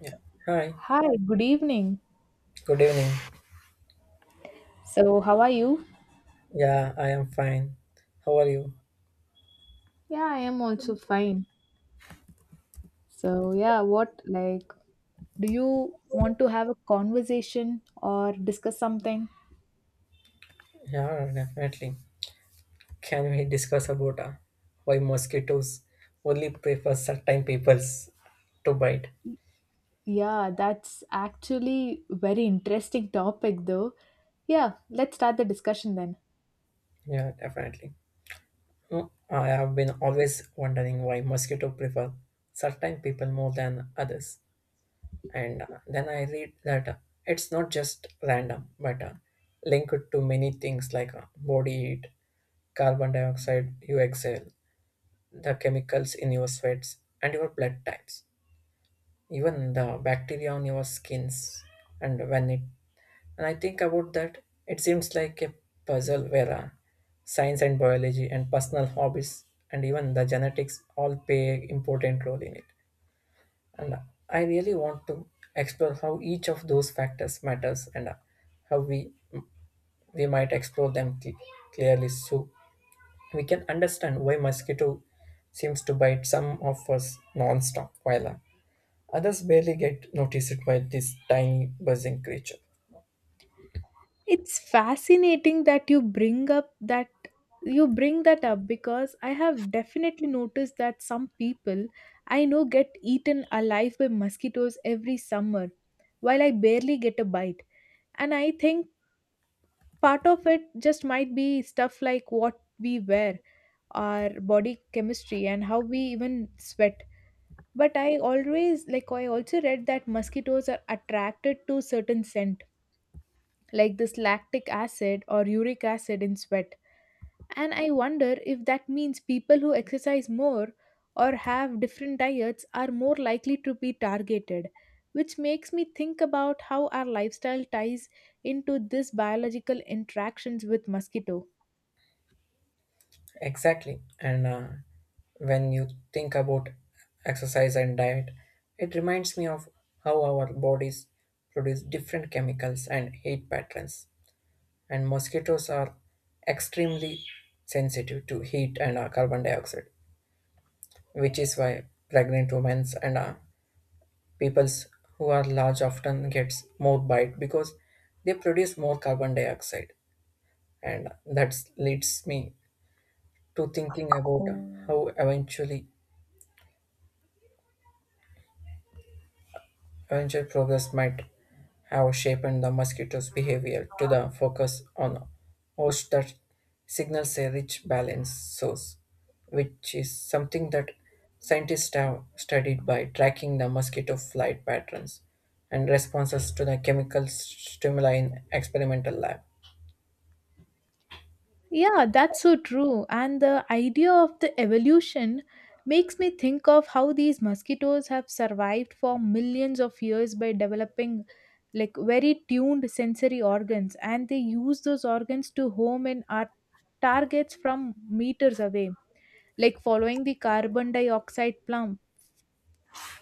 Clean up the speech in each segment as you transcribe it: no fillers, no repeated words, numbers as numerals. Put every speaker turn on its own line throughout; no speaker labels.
Yeah. Hi.
Hi, good evening.
Good evening.
So, how are you?
Yeah, I am fine. How are you?
Yeah, I am also fine. So, yeah, what like do you want to have a conversation or discuss something?
Yeah, definitely. Can we discuss about why mosquitoes only prefer certain peoples to bite?
Yeah, that's actually very interesting topic though. Yeah, let's start the discussion then.
Yeah, definitely. I have been always wondering why mosquito prefer certain people more than others. And then I read that it's not just random, but linked to many things like body heat, carbon dioxide you exhale, the chemicals in your sweats and your blood types, even the bacteria on your skins. And when it and I think about that, it seems like a puzzle where science and biology and personal hobbies and even the genetics all play an important role in it. And I really want to explore how each of those factors matters, and how we might explore them clearly, so we can understand why mosquito seems to bite some of us non-stop, while others barely get noticed by this tiny buzzing creature.
It's fascinating that you bring that up because I have definitely noticed that some people I know get eaten alive by mosquitoes every summer while I barely get a bite. And I think part of it just might be stuff like what we wear, our body chemistry, and how we even sweat. But I always like I also read that mosquitoes are attracted to certain scents like this lactic acid or uric acid in sweat. And I wonder if that means people who exercise more or have different diets are more likely to be targeted, which makes me think about how our lifestyle ties into this biological interactions with mosquito.
Exactly, and when you think about exercise and diet, it reminds me of how our bodies produce different chemicals and heat patterns. And mosquitoes are extremely sensitive to heat and carbon dioxide, which is why pregnant women and peoples who are large often gets more bite because they produce more carbon dioxide, and that leads me to thinking about how eventual progress might have shaped the mosquito's behavior to the focus on host that signals a rich balance source, which is something that scientists have studied by tracking the mosquito flight patterns and responses to the chemical stimuli in experimental lab.
Yeah, that's so true. And the idea of the evolution makes me think of how these mosquitoes have survived for millions of years by developing like very tuned sensory organs, and they use those organs to home in our targets from meters away, like following the carbon dioxide plumb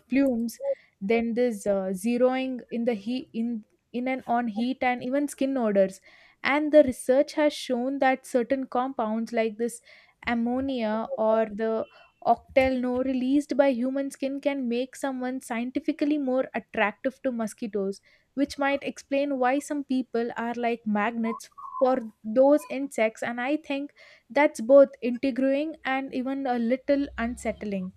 plumes, then this zeroing in the heat, in and on heat and even skin odors. And the research has shown that certain compounds like this ammonia or the octelno released by human skin can make someone scientifically more attractive to mosquitoes, which might explain why some people are like magnets for those insects. And I think that's both integrating and even a little unsettling.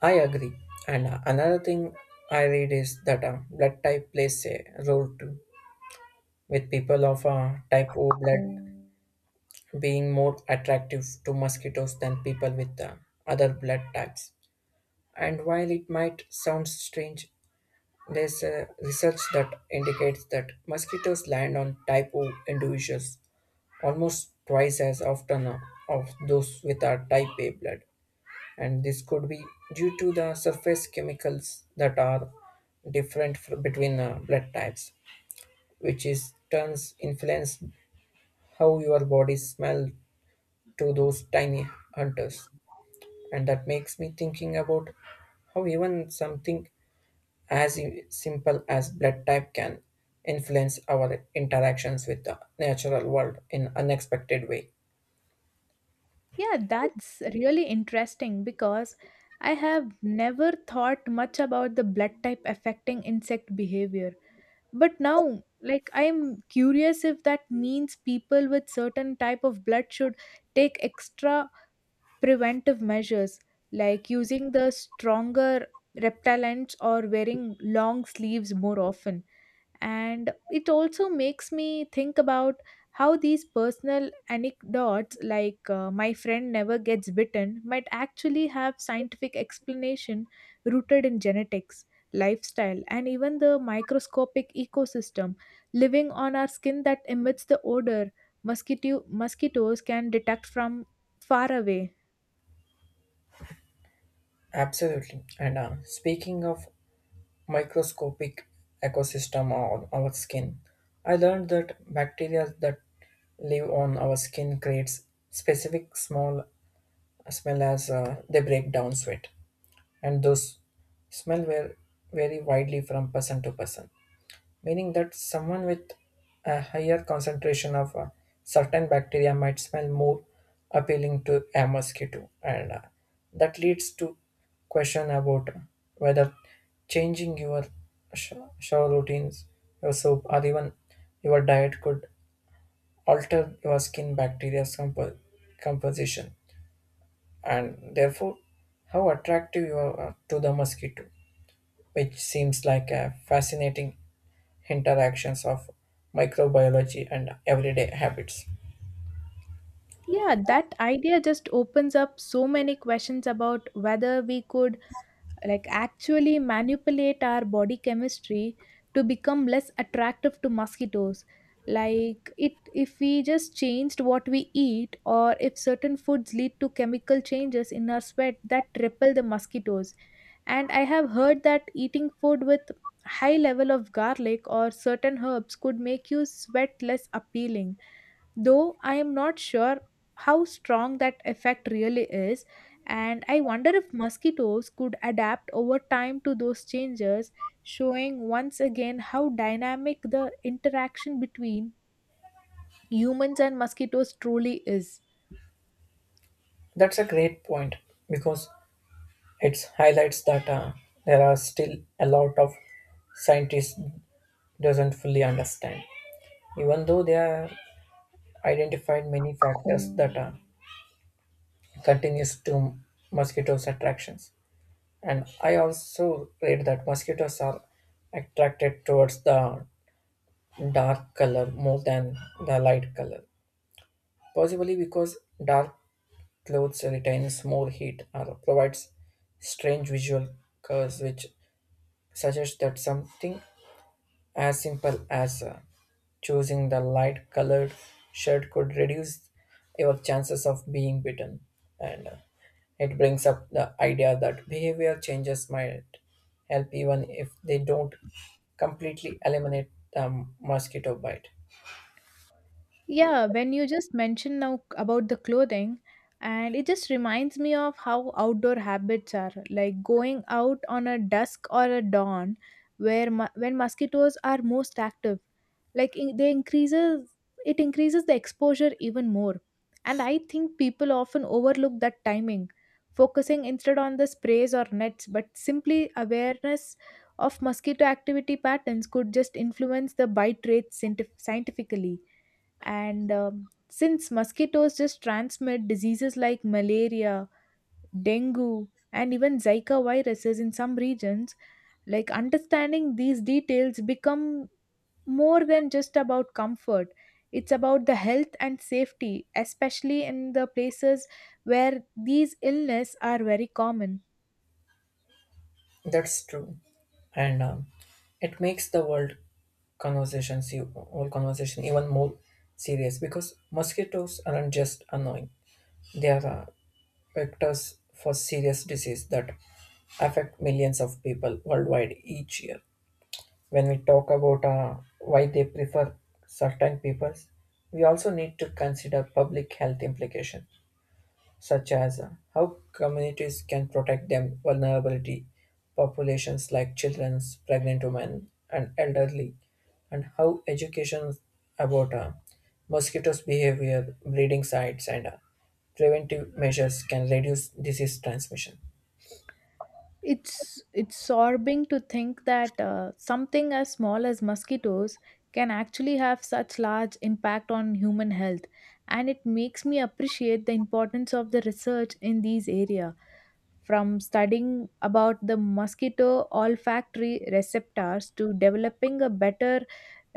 I agree. And another thing I read is that blood type plays a role too, with people of type O blood being more attractive to mosquitoes than people with other blood types. And while it might sound strange, there's research that indicates that mosquitoes land on type O individuals almost twice as often of those with our type A blood. And this could be due to the surface chemicals that are different between blood types, which is turns influence how your body smell to those tiny hunters. And that makes me thinking about how even something as simple as blood type can influence our interactions with the natural world in unexpected way.
Yeah, that's really interesting because I have never thought much about the blood type affecting insect behavior. But now, like, I'm curious if that means people with certain type of blood should take extra preventive measures, like using the stronger repellents or wearing long sleeves more often. And it also makes me think about how these personal anecdotes, like my friend never gets bitten, might actually have scientific explanation rooted in genetics, lifestyle, and even the microscopic ecosystem living on our skin that emits the odor mosquitoes can detect from far away.
Absolutely. And speaking of microscopic ecosystem on our skin, I learned that bacteria that live on our skin creates specific small smell as they break down sweat, and those smell were vary widely from person to person, meaning that someone with a higher concentration of a certain bacteria might smell more appealing to a mosquito. And that leads to question about whether changing your sh- shower routines, your soap, or even your diet could alter your skin bacteria's composition, and therefore how attractive you are to the mosquito, which seems like a fascinating interactions of microbiology and everyday habits.
Yeah, that idea just opens up so many questions about whether we could, like, actually manipulate our body chemistry to become less attractive to mosquitoes, like, it if we just changed what we eat, or if certain foods lead to chemical changes in our sweat that repel the mosquitoes. And I have heard that eating food with high level of garlic or certain herbs could make you sweat less appealing, though I am not sure how strong that effect really is, and I wonder if mosquitoes could adapt over time to those changes, showing once again how dynamic the interaction between humans and mosquitoes truly is.
That's a great point because it highlights that there are still a lot of scientists doesn't fully understand, even though they are identified many factors that are continues to mosquitoes attractions. And I also read that mosquitoes are attracted towards the dark color more than the light color, possibly because dark clothes retains more heat or provides strange visual cues, which suggests that something as simple as choosing the light colored shirt could reduce your chances of being bitten. And it brings up the idea that behavior changes might help even if they don't completely eliminate the mosquito bite.
Yeah, when you just mention now about the clothing, and it just reminds me of how outdoor habits are, like going out on a dusk or a dawn when mosquitoes are most active. They increases it increases the exposure even more. And I think people often overlook that timing, focusing instead on the sprays or nets, but simply awareness of mosquito activity patterns could just influence the bite rates scientifically. And since mosquitoes just transmit diseases like malaria, dengue, and even Zika viruses in some regions, like understanding these details become more than just about comfort. It's about the health and safety, especially in the places where these illness are very common.
That's true. And it makes the world conversations, you whole conversation even more serious because mosquitoes aren't just annoying. They are vectors for serious disease that affect millions of people worldwide each year. When we talk about why they prefer certain peoples, we also need to consider public health implication such as how communities can protect them vulnerability populations like children, pregnant women, and elderly, and how education about mosquitoes' behavior, breeding sites, and preventive measures can reduce disease transmission.
It's sorbing to think that something as small as mosquitoes can actually have such large impact on human health, and it makes me appreciate the importance of the research in these areas, from studying about the mosquito olfactory receptors to developing a better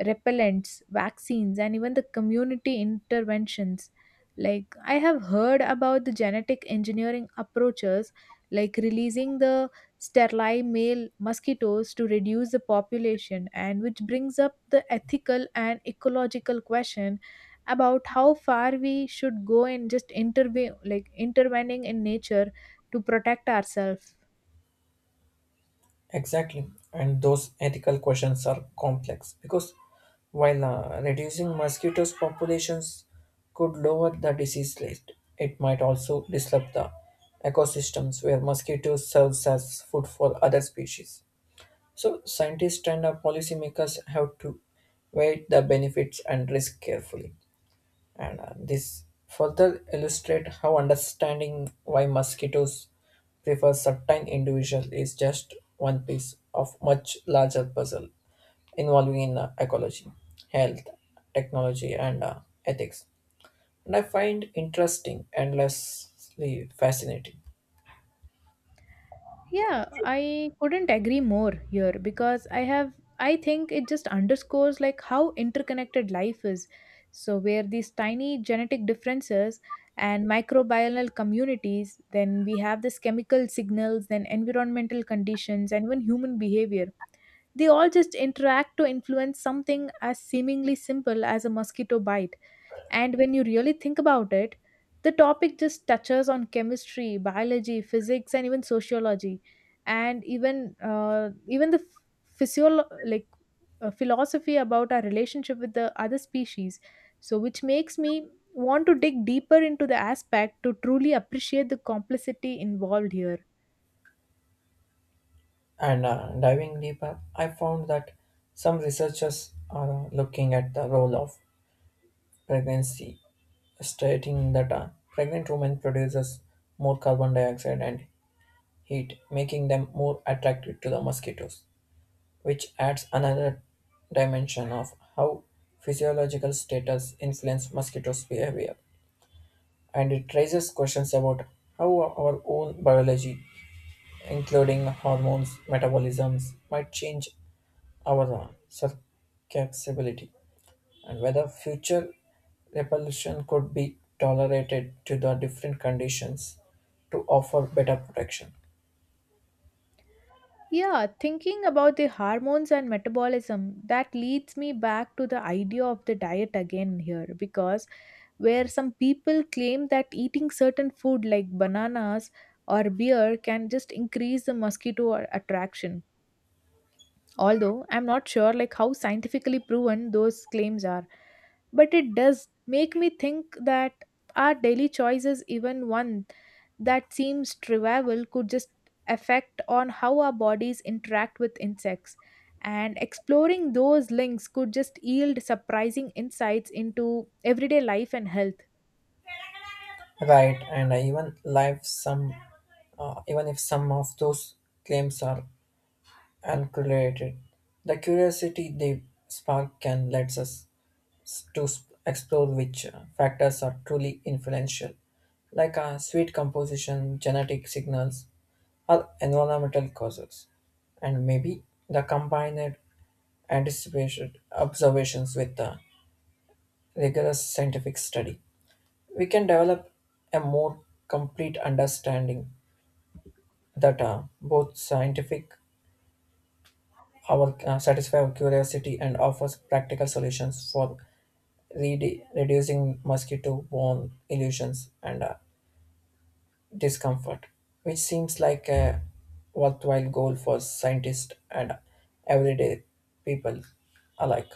repellents, vaccines, and even the community interventions. Like, I have heard about the genetic engineering approaches, like releasing the sterile male mosquitoes to reduce the population, and which brings up the ethical and ecological question about how far we should go in just intervene like intervening in nature to protect ourselves.
Exactly. And those ethical questions are complex because while reducing mosquitoes populations could lower the disease rate, it might also disrupt the ecosystems where mosquitoes serves as food for other species. So scientists and policymakers have to weigh the benefits and risk carefully. And this further illustrate how understanding why mosquitoes prefer certain individuals is just one piece of much larger puzzle involving in ecology, health, technology, and ethics. And I find interesting endlessly fascinating.
Yeah, I couldn't agree more here because I think it just underscores like how interconnected life is. So where these tiny genetic differences and microbial communities, then we have this chemical signals, then environmental conditions and even human behavior. They all just interact to influence something as seemingly simple as a mosquito bite. And when you really think about it, the topic just touches on chemistry, biology, physics, and even sociology, and even the physio like philosophy about our relationship with the other species. So, which makes me want to dig deeper into the aspect to truly appreciate the complexity involved here.
And diving deeper, I found that some researchers are looking at the role of pregnancy, stating that a pregnant woman produces more carbon dioxide and heat, making them more attractive to the mosquitoes, which adds another dimension of how physiological status influence mosquitoes' behavior. And it raises questions about how our own biology, including hormones, metabolisms, might change our susceptibility, and whether future repulsion could be tolerated to the different conditions to offer better protection.
Yeah, thinking about the hormones and metabolism, that leads me back to the idea of the diet again here, because where some people claim that eating certain food like bananas or beer can just increase the mosquito attraction, although I'm not sure like how scientifically proven those claims are. But it does make me think that our daily choices, even one that seems trivial, could just affect on how our bodies interact with insects, and exploring those links could just yield surprising insights into everyday life and health.
Right, and I even life some, even if some of those claims are uncorrelated, the curiosity they spark can let us explore which factors are truly influential, like sweet composition, genetic signals, or environmental causes. And maybe the combined anticipated observations with a rigorous scientific study, we can develop a more complete understanding that both scientific our satisfy our curiosity and offers practical solutions for reducing mosquito-borne illusions and discomfort, which seems like a worthwhile goal for scientists and everyday people alike.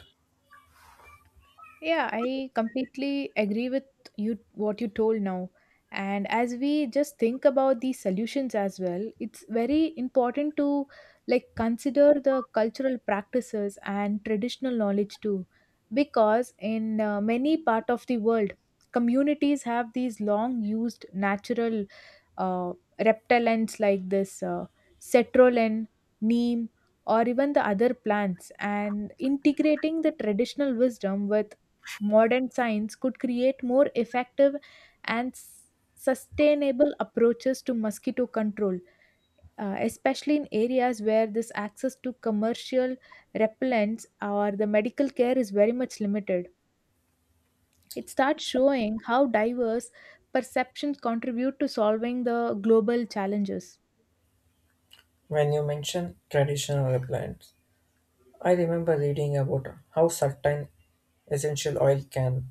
Yeah, I completely agree with you what you told now. And as we just think about these solutions as well, it's very important to, like, consider the cultural practices and traditional knowledge too, because in many part of the world, communities have these long used natural uh, reptilians like this cetrolyn, neem, or even the other plants, and integrating the traditional wisdom with modern science could create more effective and sustainable approaches to mosquito control, especially in areas where this access to commercial repellents or the medical care is very much limited. It starts showing how diverse perceptions contribute to solving the global challenges.
When you mention traditional replant, I remember reading about how certain essential oil can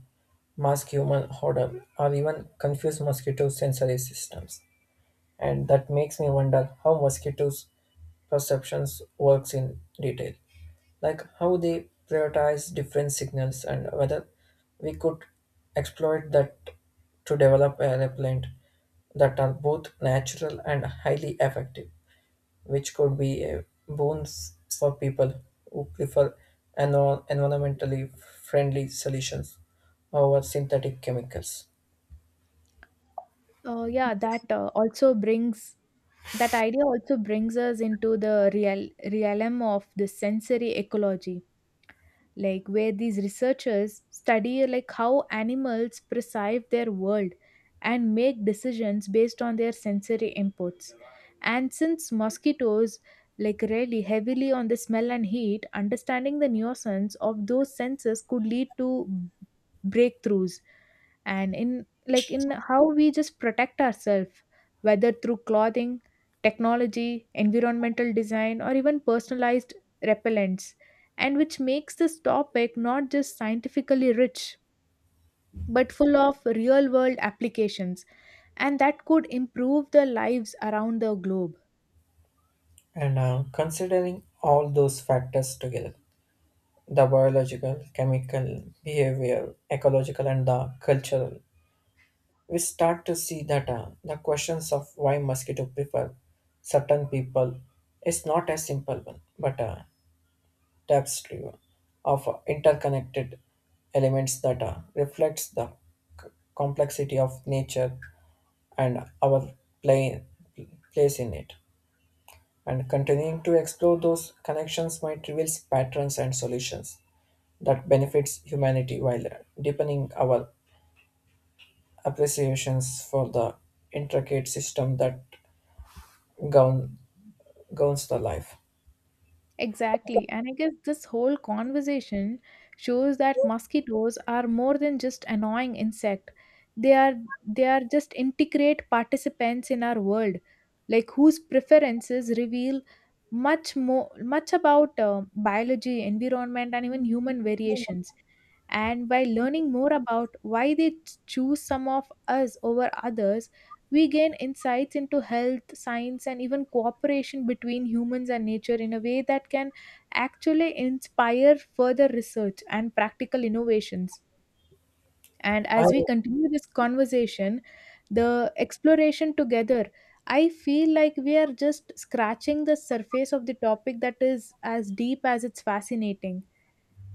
mask human odor or even confuse mosquito sensory systems. And that makes me wonder how mosquitoes' perceptions works in detail, like how they prioritize different signals and whether we could exploit that to develop a repellent that are both natural and highly effective, which could be a boons for people who prefer environmentally friendly solutions over synthetic chemicals.
Yeah, that idea also brings us into the realm of the sensory ecology, like where these researchers study like how animals perceive their world and make decisions based on their sensory inputs. And since mosquitoes like rely heavily on the smell and heat, understanding the nuisance of those senses could lead to breakthroughs and in how we just protect ourselves, whether through clothing, technology, environmental design, or even personalized repellents, and which makes this topic not just scientifically rich but full of real world applications, and that could improve the lives around the globe.
And considering all those factors together, the biological, chemical, behavior, ecological, and the cultural, we start to see that the questions of why mosquito prefer certain people is not a simple one, but tapestry of interconnected elements that reflects the c- complexity of nature and our play, place in it. And continuing to explore those connections might reveal patterns and solutions that benefits humanity while deepening our appreciations for the intricate system that govern, governs the life.
Exactly. And I guess this whole conversation shows that mosquitoes are more than just annoying insect. They are they are just integrate participants in our world, like whose preferences reveal much more much about biology, environment, and even human variations. And by learning more about why they choose some of us over others, we gain insights into health, science, and even cooperation between humans and nature in a way that can actually inspire further research and practical innovations. And
I
as we continue this conversation, the exploration together, I feel like we are just scratching the surface of the topic that is as deep as it's fascinating.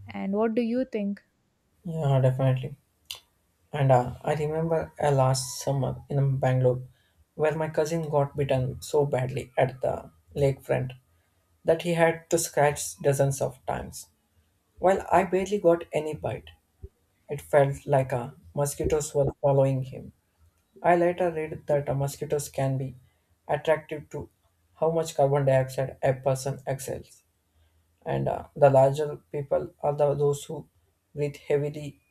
And what do you think?
yeah, definitely. And I remember last summer in Bangalore, where my cousin got bitten so badly at the lakefront that he had to scratch dozens of times. While I barely got any bite, it felt like mosquitoes were following him. I later read that mosquitoes can be attractive to how much carbon dioxide a person exhales. And the larger people are the, those who breathe heavily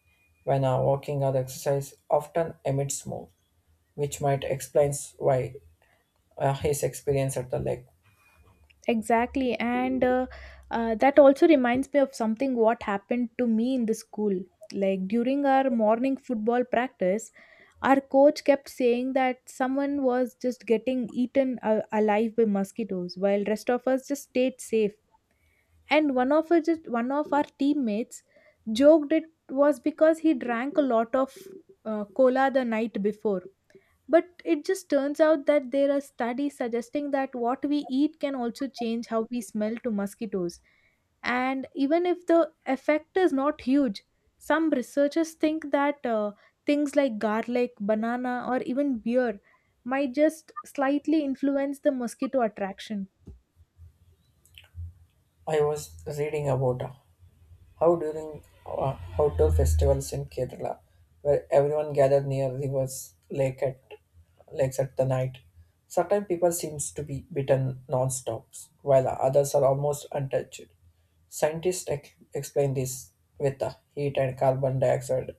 when walking or exercise often emits more, which might explain why his experience at the lake.
Exactly. And that also reminds me of something what happened to me in the school. Like during our morning football practice, our coach kept saying that someone was just getting eaten alive by mosquitoes while rest of us just stayed safe. And one of our teammates joked it was because he drank a lot of cola the night before. But it just turns out that there are studies suggesting that what we eat can also change how we smell to mosquitoes. And even if the effect is not huge, some researchers think that things like garlic, banana, or even beer might just slightly influence the mosquito attraction.
I was reading about how during outdoor festivals in Kerala, where everyone gathered near rivers, lakes at the night. Sometimes people seems to be bitten non-stop, while others are almost untouched. Scientists explain this with the heat and carbon dioxide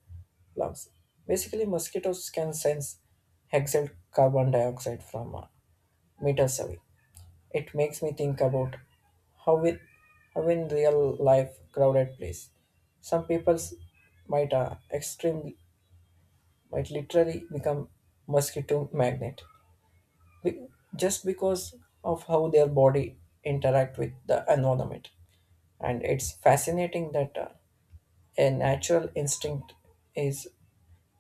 lungs. Basically, mosquitoes can sense exhaled carbon dioxide from meters away. It makes me think about how with how in real life crowded place, some people might uh, extremely might literally become mosquito magnet be- just because of how their body interact with the environment. And it's fascinating that a natural instinct is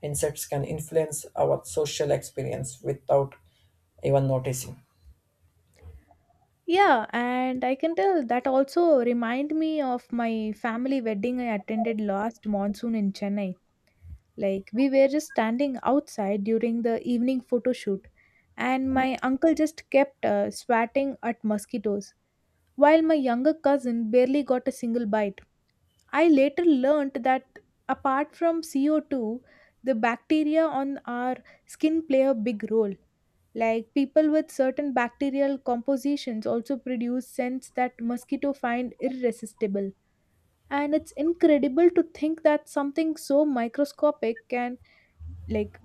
insects can influence our social experience without even noticing.
Yeah, and I can tell that also remind me of my family wedding I attended last monsoon in Chennai. Like we were just standing outside during the evening photo shoot, and my uncle just kept swatting at mosquitoes, while my younger cousin barely got a single bite. I later learnt that apart from CO2, the bacteria on our skin play a big role, like people with certain bacterial compositions also produce scents that mosquito find irresistible. And it's incredible to think that something so microscopic can, like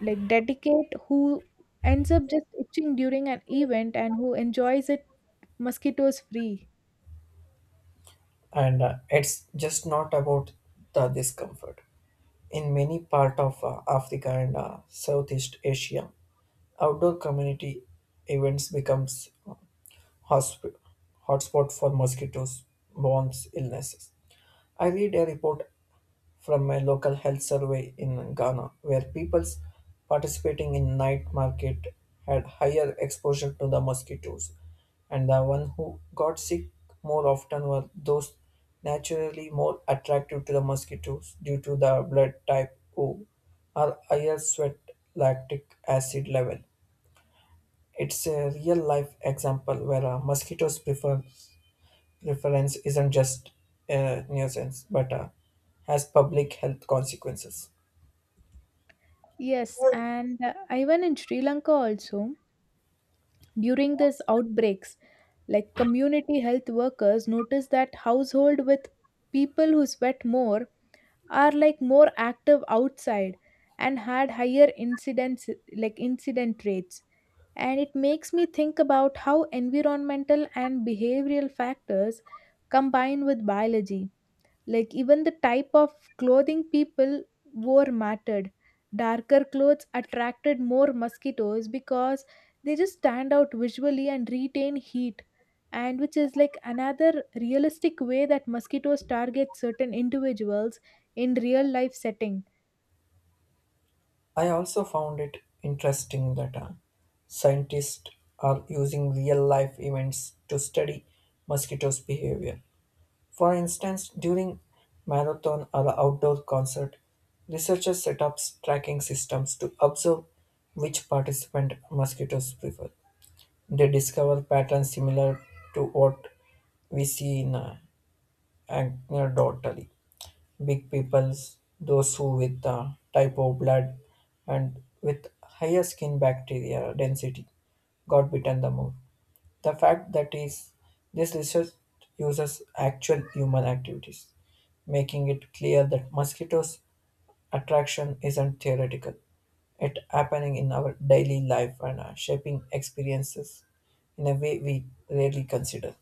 like dedicate who ends up just itching during an event and who enjoys it mosquitoes free.
And it's just not about the discomfort. In many parts of Africa and Southeast Asia, outdoor community events becomes hosp- hotspot for mosquitoes borne illnesses. I read a report from my local health survey in Ghana, where people participating in night market had higher exposure to the mosquitoes, and the one who got sick more often were those naturally more attractive to the mosquitoes due to the blood type O or higher sweat lactic acid level. It's a real life example where mosquitoes prefer reference isn't just a nuisance, but has public health consequences.
Yes, and even in Sri Lanka also, during these outbreaks, like community health workers noticed that household with people who sweat more are like more active outside and had higher incidence like incident rates, and it makes me think about how environmental and behavioral factors combine with biology, like even the type of clothing people wore mattered. Darker clothes attracted more mosquitoes because they just stand out visually and retain heat. And which is like another realistic way that mosquitoes target certain individuals in real life setting.
I also found it interesting that scientists are using real life events to study mosquitoes' behavior. For instance, during marathon or outdoor concert, researchers set up tracking systems to observe which participant mosquitoes prefer. They discover patterns similar to what we see in anecdotally. Big peoples, those who with type O blood and with higher skin bacteria density got bitten the more. The fact that is this research uses actual human activities, making it clear that mosquitoes attraction isn't theoretical. It happening in our daily life and shaping experiences in a way we rarely consider.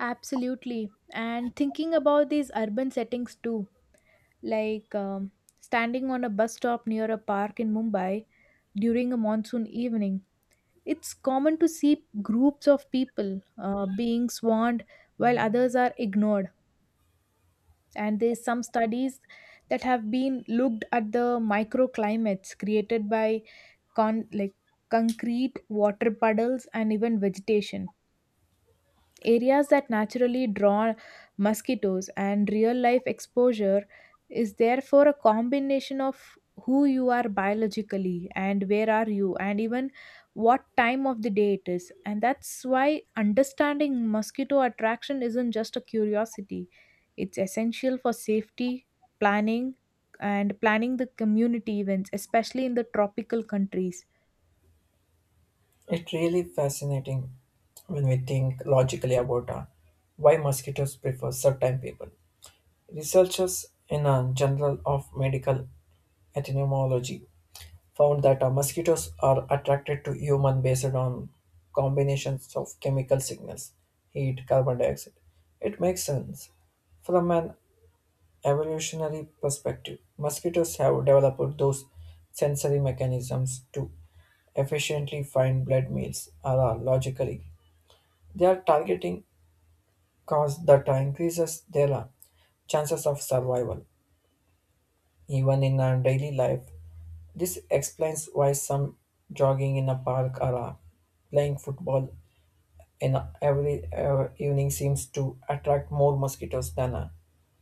Absolutely. And thinking about these urban settings too, like standing on a bus stop near a park in Mumbai during a monsoon evening. It's common to see groups of people being swarmed while others are ignored. And there's some studies that have been looked at the microclimates created by like concrete, water puddles, and even vegetation. Areas that naturally draw mosquitoes, and real life exposure is therefore a combination of who you are biologically and where are you and even what time of the day it is. And that's why understanding mosquito attraction isn't just a curiosity, it's essential for safety planning and planning the community events, especially in the tropical countries.
It's really fascinating when we think logically about why mosquitoes prefer certain people. Researchers in a Journal of Medical Ethnomology found that mosquitoes are attracted to human based on combinations of chemical signals, heat, carbon dioxide. It makes sense. From an evolutionary perspective, mosquitoes have developed those sensory mechanisms to efficiently find blood meals are logically they are targeting cause that increases their chances of survival, even in our daily life. This explains why some jogging in a park or playing football in every evening seems to attract more mosquitoes than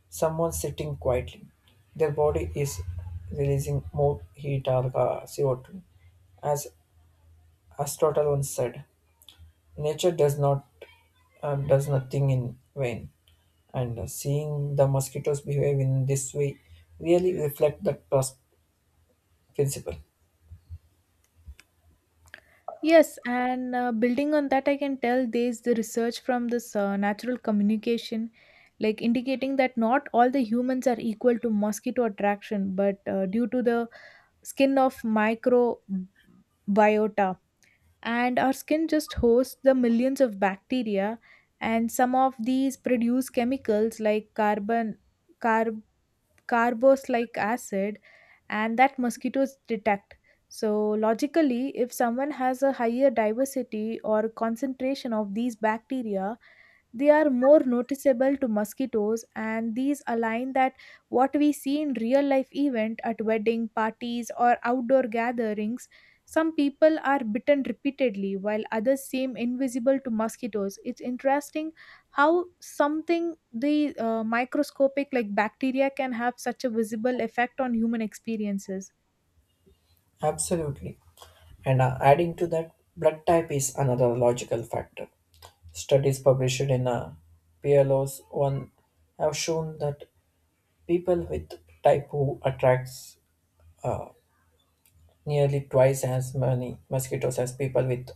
someone sitting quietly. Their body is releasing more heat or CO2. As Aristotle once said, nature does nothing in vain. And seeing the mosquitoes behave in this way really reflect the trust principle.
Yes, and building on that, I can tell there's the research from this natural communication, like indicating that not all the humans are equal to mosquito attraction, but due to the skin of microbiota. And our skin just hosts the millions of bacteria, and some of these produce chemicals like carbon carboxylic acid and that mosquitoes detect. So, logically, if someone has a higher diversity or concentration of these bacteria, they are more noticeable to mosquitoes, and these align that what we see in real life event at wedding parties or outdoor gatherings. Some people are bitten repeatedly, while others seem invisible to mosquitoes. It's interesting how something the microscopic like bacteria can have such a visible effect on human experiences.
Absolutely. And adding to that, blood type is another logical factor. Studies published in PLOS 1 have shown that people with type who attracts nearly twice as many mosquitoes as people with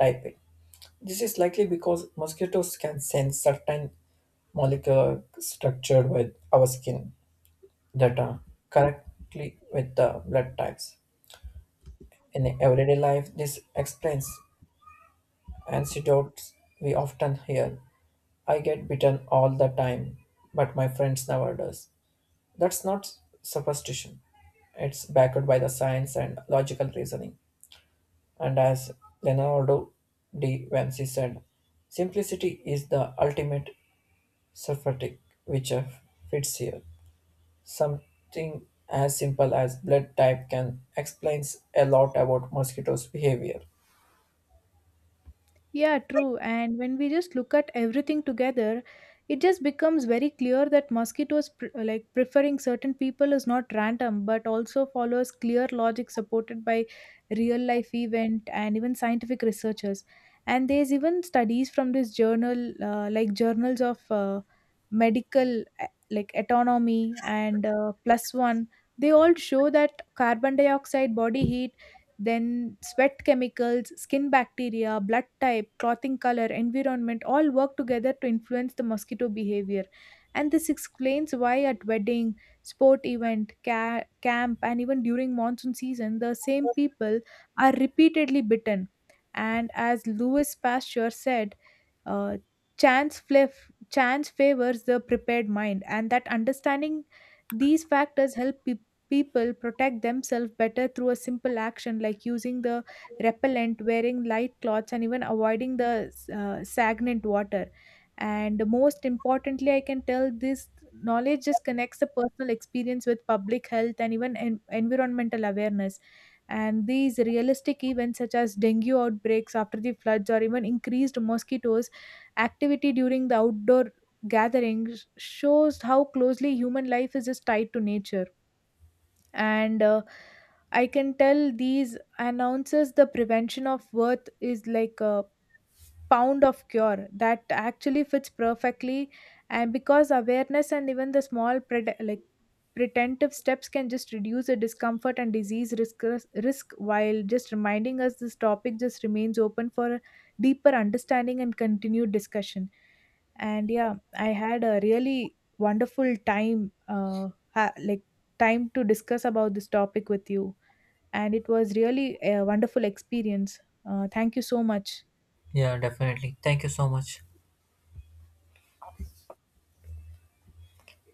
type A. This is likely because mosquitoes can sense certain molecular structure with our skin data correctly with the blood types. In everyday life, this explains anecdotes we often hear. I get bitten all the time, but my friends never does. That's not superstition. It's backed by the science and logical reasoning. And as Leonardo da Vinci said, simplicity is the ultimate surfeiting, which fits here. Something as simple as blood type can explains a lot about mosquitoes' behavior.
Yeah, true. And when we just look at everything together, it just becomes very clear that mosquitoes like preferring certain people is not random but also follows clear logic supported by real life event and even scientific researchers. And there's even studies from this journal like journals of medical like autonomy and plus one. They all show that carbon dioxide, body heat, then sweat chemicals, skin bacteria, blood type, clothing color, environment all work together to influence the mosquito behavior. And this explains why at wedding, sport event, camp, and even during monsoon season, the same people are repeatedly bitten. And as Louis Pasteur said, uh, chance, chance favors the prepared mind, and that understanding these factors help people. People protect themselves better through a simple action like using the repellent, wearing light clothes, and even avoiding the stagnant water. And most importantly, I can tell this knowledge just connects the personal experience with public health and even environmental awareness. And these realistic events, such as dengue outbreaks after the floods or even increased mosquitoes activity during the outdoor gatherings, shows how closely human life is just tied to nature. And I can tell these announces the prevention of worth is like pound of cure, that actually fits perfectly. And because awareness and even the small pred like preventive steps can just reduce the discomfort and disease risk while just reminding us this topic just remains open for deeper understanding and continued discussion. And yeah, I had a really wonderful time, like time to discuss about this topic with you, and it was really a wonderful experience. Thank you so much.
Yeah, definitely. Thank you so much.